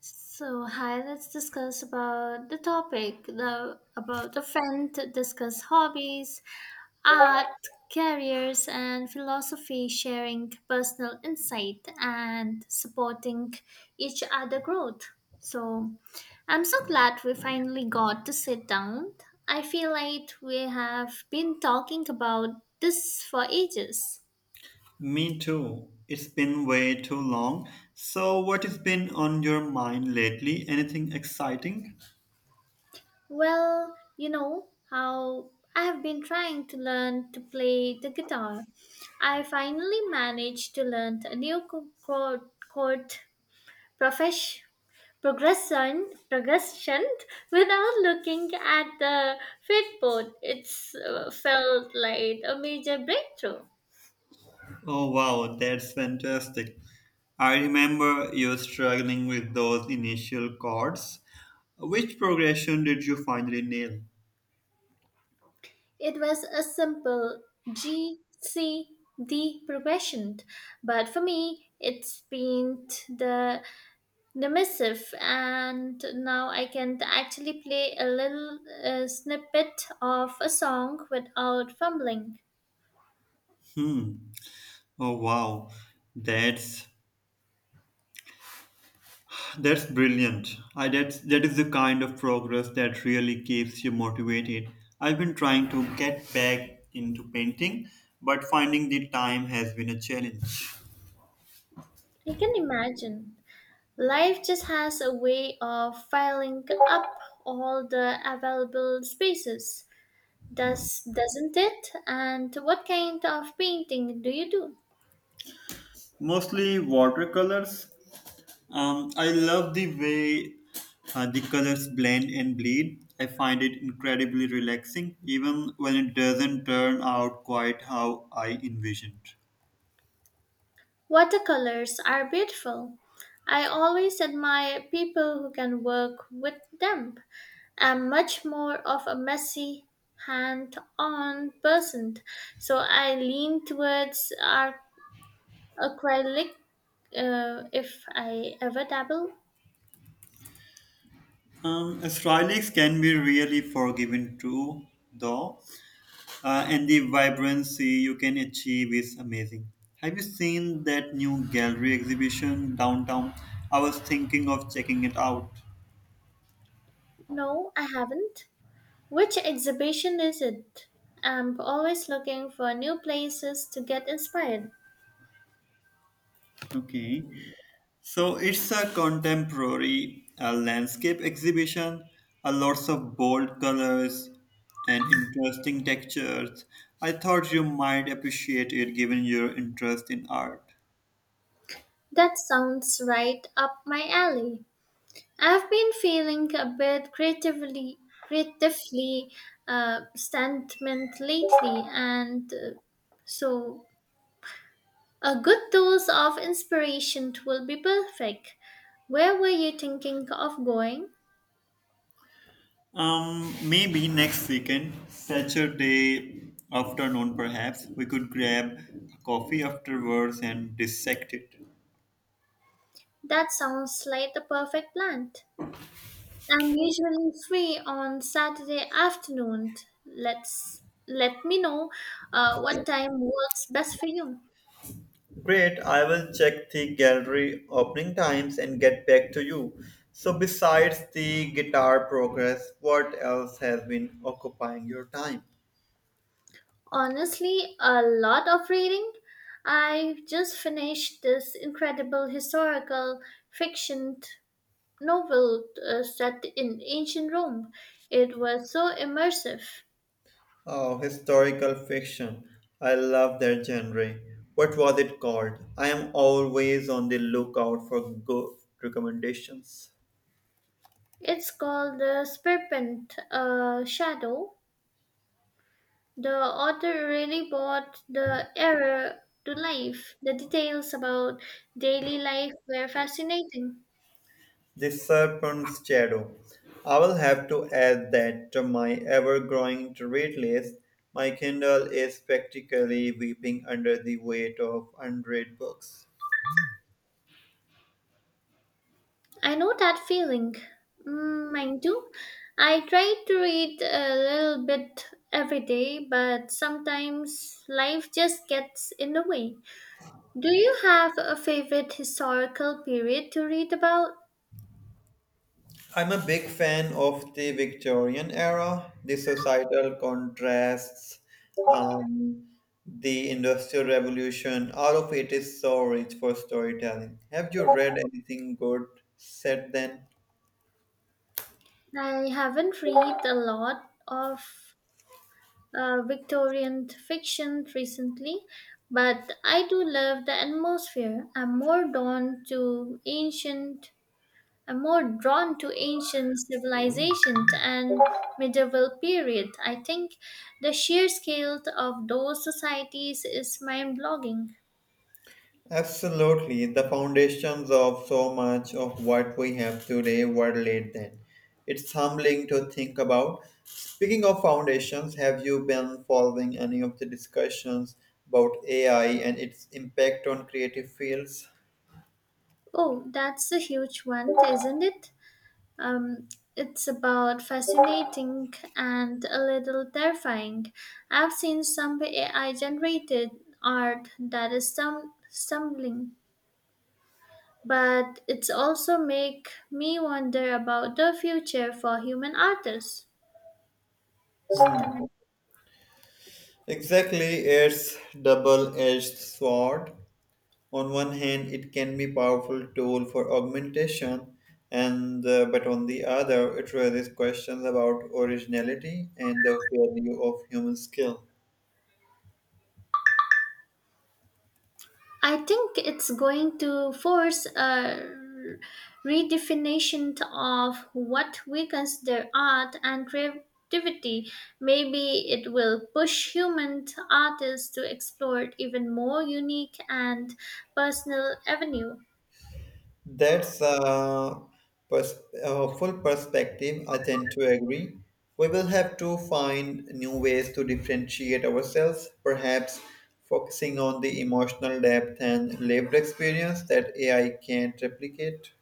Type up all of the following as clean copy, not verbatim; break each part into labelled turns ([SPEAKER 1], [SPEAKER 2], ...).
[SPEAKER 1] So hi, let's discuss about the topic the about the friend discuss hobbies, art, careers, and philosophy, sharing personal insight and supporting each other growth. So I'm so glad we finally got to sit down. I feel like we have been talking about this for ages.
[SPEAKER 2] Me too. It's been way too long. So, what has been on your mind lately? Anything exciting?
[SPEAKER 1] Well, you know how I have been trying to learn to play the guitar. I finally managed to learn a new chord, chord profesh, progression, progression without looking at the fretboard. It felt like a major breakthrough.
[SPEAKER 2] Oh, wow, that's fantastic. I remember you struggling with those initial chords. Which progression did you finally nail?
[SPEAKER 1] It was a simple G, C, D progression, but for me, it's been the dismissive, and now I can actually play a little snippet of a song without fumbling.
[SPEAKER 2] Hmm. Oh, wow. That's That's brilliant. I that's that is the kind of progress that really keeps you motivated. I've been trying to get back into painting, but finding the time has been a challenge.
[SPEAKER 1] I can imagine, life just has a way of filling up all the available spaces, doesn't it? And what kind of painting do you do?
[SPEAKER 2] Mostly watercolors. I love the way the colors blend and bleed. I find it incredibly relaxing, even when it doesn't turn out quite how I envisioned.
[SPEAKER 1] Watercolors are beautiful. I always admire people who can work with them. I'm much more of a messy, hand on person, so I lean towards acrylic, if I ever dabble.
[SPEAKER 2] Astralics can be really forgiving too, though. And the vibrancy you can achieve is amazing. Have you seen that new gallery exhibition downtown? I was thinking of checking it out.
[SPEAKER 1] No, I haven't. Which exhibition is it? I'm always looking for new places to get inspired.
[SPEAKER 2] Okay, so it's a contemporary landscape exhibition, lots of bold colors and interesting textures. I thought you might appreciate it given your interest in art.
[SPEAKER 1] That sounds right up my alley. I've been feeling a bit creatively stagnant lately, and so a good dose of inspiration will be perfect. Where were you thinking of going?
[SPEAKER 2] Maybe next weekend, Saturday afternoon, perhaps we could grab coffee afterwards and dissect it.
[SPEAKER 1] That sounds like the perfect plan. I'm usually free on Saturday afternoon. Let me know what time works best for you.
[SPEAKER 2] Great, I will check the gallery opening times and get back to you. So, besides the guitar progress, what else has been occupying your time?
[SPEAKER 1] Honestly, a lot of reading. I just finished this incredible historical fiction novel set in ancient Rome. It was so immersive.
[SPEAKER 2] Oh, historical fiction. I love that genre. What was it called? I am always on the lookout for good recommendations.
[SPEAKER 1] It's called The Serpent Shadow. The author really brought the era to life. The details about daily life were fascinating.
[SPEAKER 2] The serpent's shadow. I will have to add that to my ever growing to read list. My Kindle is practically weeping under the weight of unread books.
[SPEAKER 1] I know that feeling. Mm, mine too. I try to read a little bit every day, but sometimes life just gets in the way. Do you have a favorite historical period to read about?
[SPEAKER 2] I'm a big fan of the Victorian era, the societal contrasts, um, the Industrial Revolution. All of it is so rich for storytelling. Have you read anything good set then?
[SPEAKER 1] I haven't read a lot of Victorian fiction recently, but I do love the atmosphere. I'm more drawn to ancient civilizations and medieval period. I think the sheer scale of those societies is mind-blowing.
[SPEAKER 2] Absolutely. The foundations of so much of what we have today were laid then. It's humbling to think about. Speaking of foundations, have you been following any of the discussions about AI and its impact on creative fields?
[SPEAKER 1] Oh, that's a huge one, isn't it? Um, it's about fascinating and a little terrifying. I've seen some AI generated art that is stumbling, but it's also make me wonder about the future for human artists.
[SPEAKER 2] Hmm.
[SPEAKER 1] Stum-
[SPEAKER 2] Exactly, it's double-edged sword. On one hand, it can be powerful tool for augmentation and but on the other it raises questions about originality and the value of human skill.
[SPEAKER 1] I think it's going to force a redefinition of what we consider art and creativity. Maybe it will push human artists to explore even more unique and personal avenue.
[SPEAKER 2] that's a, a full perspective, I tend to agree. We will have to find new ways to differentiate ourselves, perhaps focusing on the emotional depth and lived experience that ai can't replicate.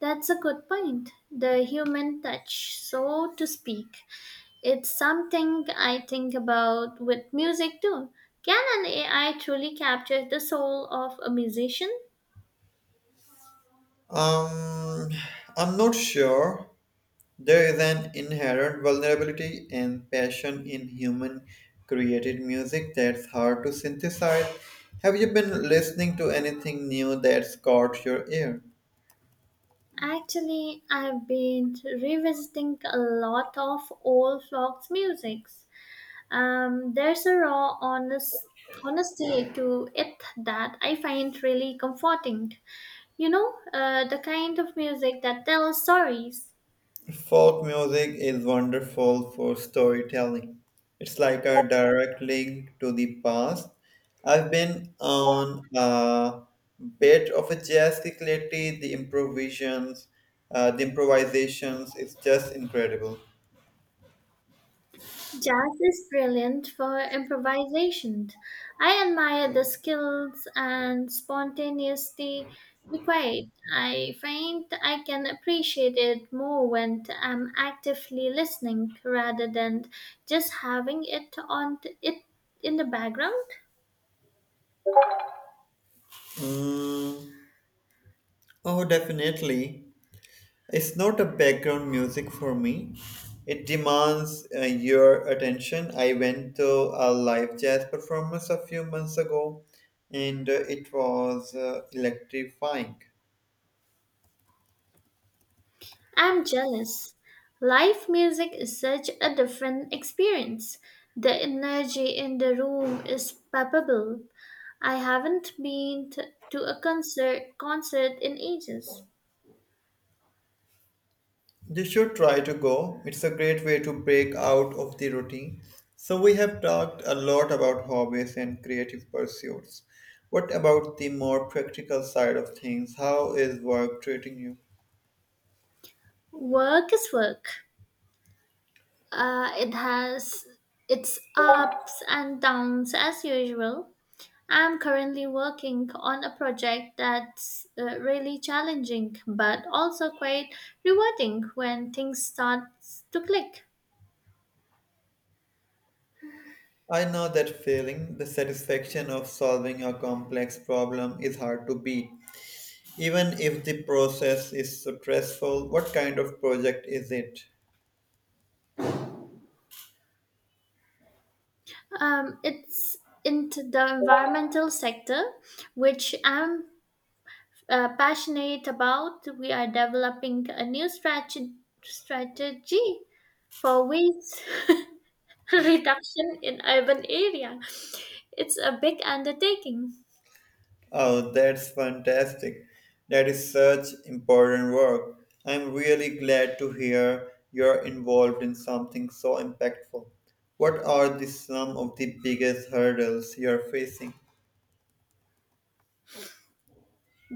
[SPEAKER 1] That's a good point. The human touch, so to speak. It's something I think about with music too. Can an AI truly capture the soul of a musician?
[SPEAKER 2] um, I'm not sure. There is an inherent vulnerability and passion in human created music that's hard to synthesize. Have you been listening to anything new that's caught your ear?
[SPEAKER 1] Actually, I've been revisiting a lot of old folks musics. There's a honesty to it that I find really comforting. You know, the kind of music that tells stories.
[SPEAKER 2] Folk music is wonderful for storytelling. It's like a direct link to the past. I've been on a bit of a jazz kick lately. The improvisations is just incredible.
[SPEAKER 1] Jazz is brilliant for improvisation. I admire the skills and spontaneity required. I find I can appreciate it more when I'm actively listening rather than just having it on it in the background.
[SPEAKER 2] Mm. Oh, definitely. It's not a background music for me. It demands your attention. I went to a live jazz performance a few months ago and it was electrifying.
[SPEAKER 1] I'm jealous. Live music is such a different experience. The energy in the room is palpable. I haven't been to a concert in ages.
[SPEAKER 2] You should try to go. It's a great way to break out of the routine. So, we have talked a lot about hobbies and creative pursuits. What about the more practical side of things? How is work treating you?
[SPEAKER 1] Work is work. It has its ups and downs as usual. I'm currently working on a project that's really challenging but also quite rewarding when things start to click.
[SPEAKER 2] I know that feeling, the satisfaction of solving a complex problem is hard to beat. Even if the process is stressful, what kind of project is it?
[SPEAKER 1] It's into the environmental sector, which I'm passionate about. We are developing a new strategy for waste reduction in urban area. It's a big undertaking.
[SPEAKER 2] Oh, that's fantastic. That is such important work. I'm really glad to hear you're involved in something so impactful. What are the some of the biggest hurdles you're facing?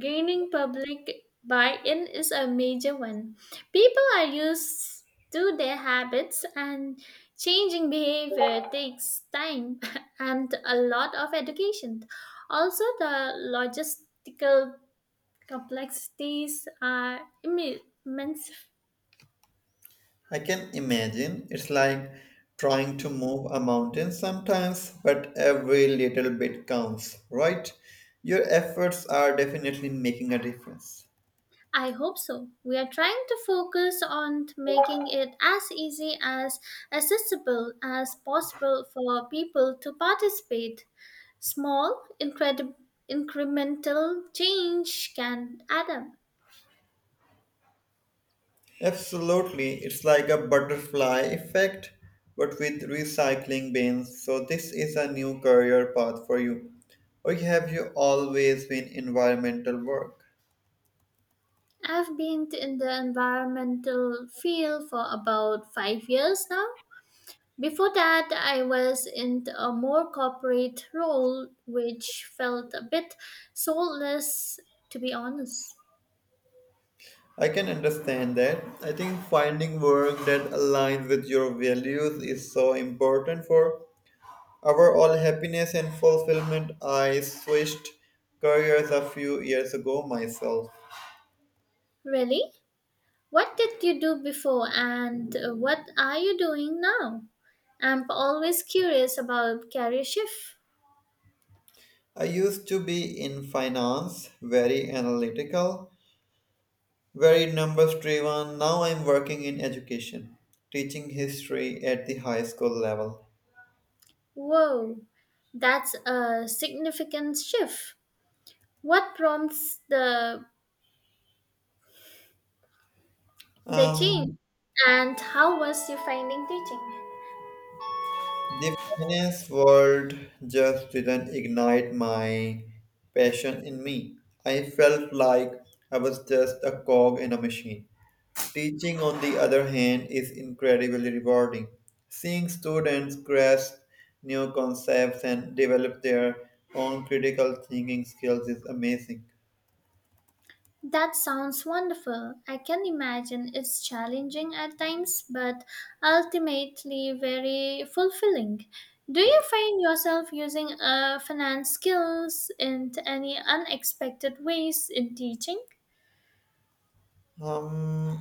[SPEAKER 1] Gaining public buy-in is a major one. People are used to their habits, and changing behavior takes time and a lot of education. Also the logistical complexities are immense.
[SPEAKER 2] I can imagine it's like trying to move a mountain sometimes, but every little bit counts, right? Your efforts are definitely making a difference.
[SPEAKER 1] I hope so. We are trying to focus on making it as easy as accessible as possible for people to participate. Small, incremental change can add up.
[SPEAKER 2] Absolutely, it's like a butterfly effect, but with recycling bins. So, this is a new career path for you. Or have you always been environmental work?
[SPEAKER 1] I've been in the environmental field for about 5 years now. Before that, I was in a more corporate role, which felt a bit soulless, to be honest.
[SPEAKER 2] I can understand that. I think finding work that aligns with your values is so important for our all happiness and fulfillment. I switched careers a few years ago myself.
[SPEAKER 1] Really? What did you do before, and what are you doing now? I'm always curious about career shift.
[SPEAKER 2] I used to be in finance, very analytical, very numbers driven. Now I'm working in education, teaching history at the high school level.
[SPEAKER 1] Whoa, that's a significant shift. What prompts the change,
[SPEAKER 2] Um,
[SPEAKER 1] and how was you finding teaching?
[SPEAKER 2] the finance world just didn't ignite my passion in me. I felt like I was just a cog in a machine. Teaching, on the other hand, is incredibly rewarding. Seeing students grasp new concepts and develop their own critical thinking skills is amazing.
[SPEAKER 1] That sounds wonderful. I can imagine it's challenging at times, but ultimately very fulfilling. Do you find yourself using finance skills in any unexpected ways in teaching?
[SPEAKER 2] Um,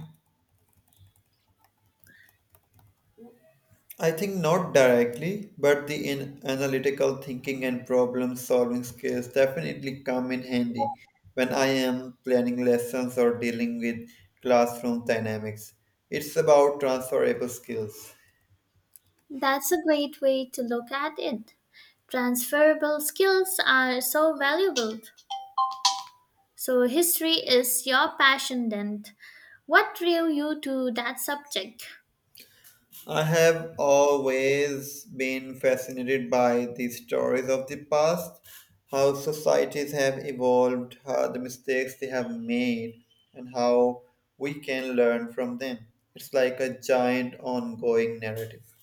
[SPEAKER 2] I think not directly, but the analytical thinking and problem solving skills definitely come in handy when I am planning lessons or dealing with classroom dynamics. It's about transferable skills.
[SPEAKER 1] That's a great way to look at it. Transferable skills are so valuable. So, history is your passion then. What drew you to that subject?
[SPEAKER 2] I have always been fascinated by the stories of the past, how societies have evolved, how the mistakes they have made, and how we can learn from them. It's like a giant ongoing narrative.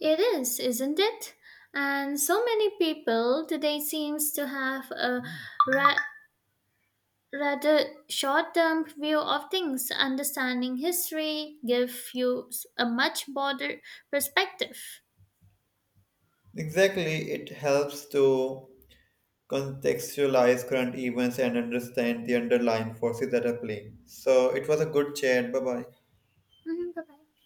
[SPEAKER 1] It is, isn't it? And so many people today seems to have a ra- rather short-term view of things. Understanding history gives you a much broader perspective.
[SPEAKER 2] Exactly, it helps to contextualize current events and understand the underlying forces that are playing. So it was a good chat. Bye bye.
[SPEAKER 1] Mhm, bye-bye.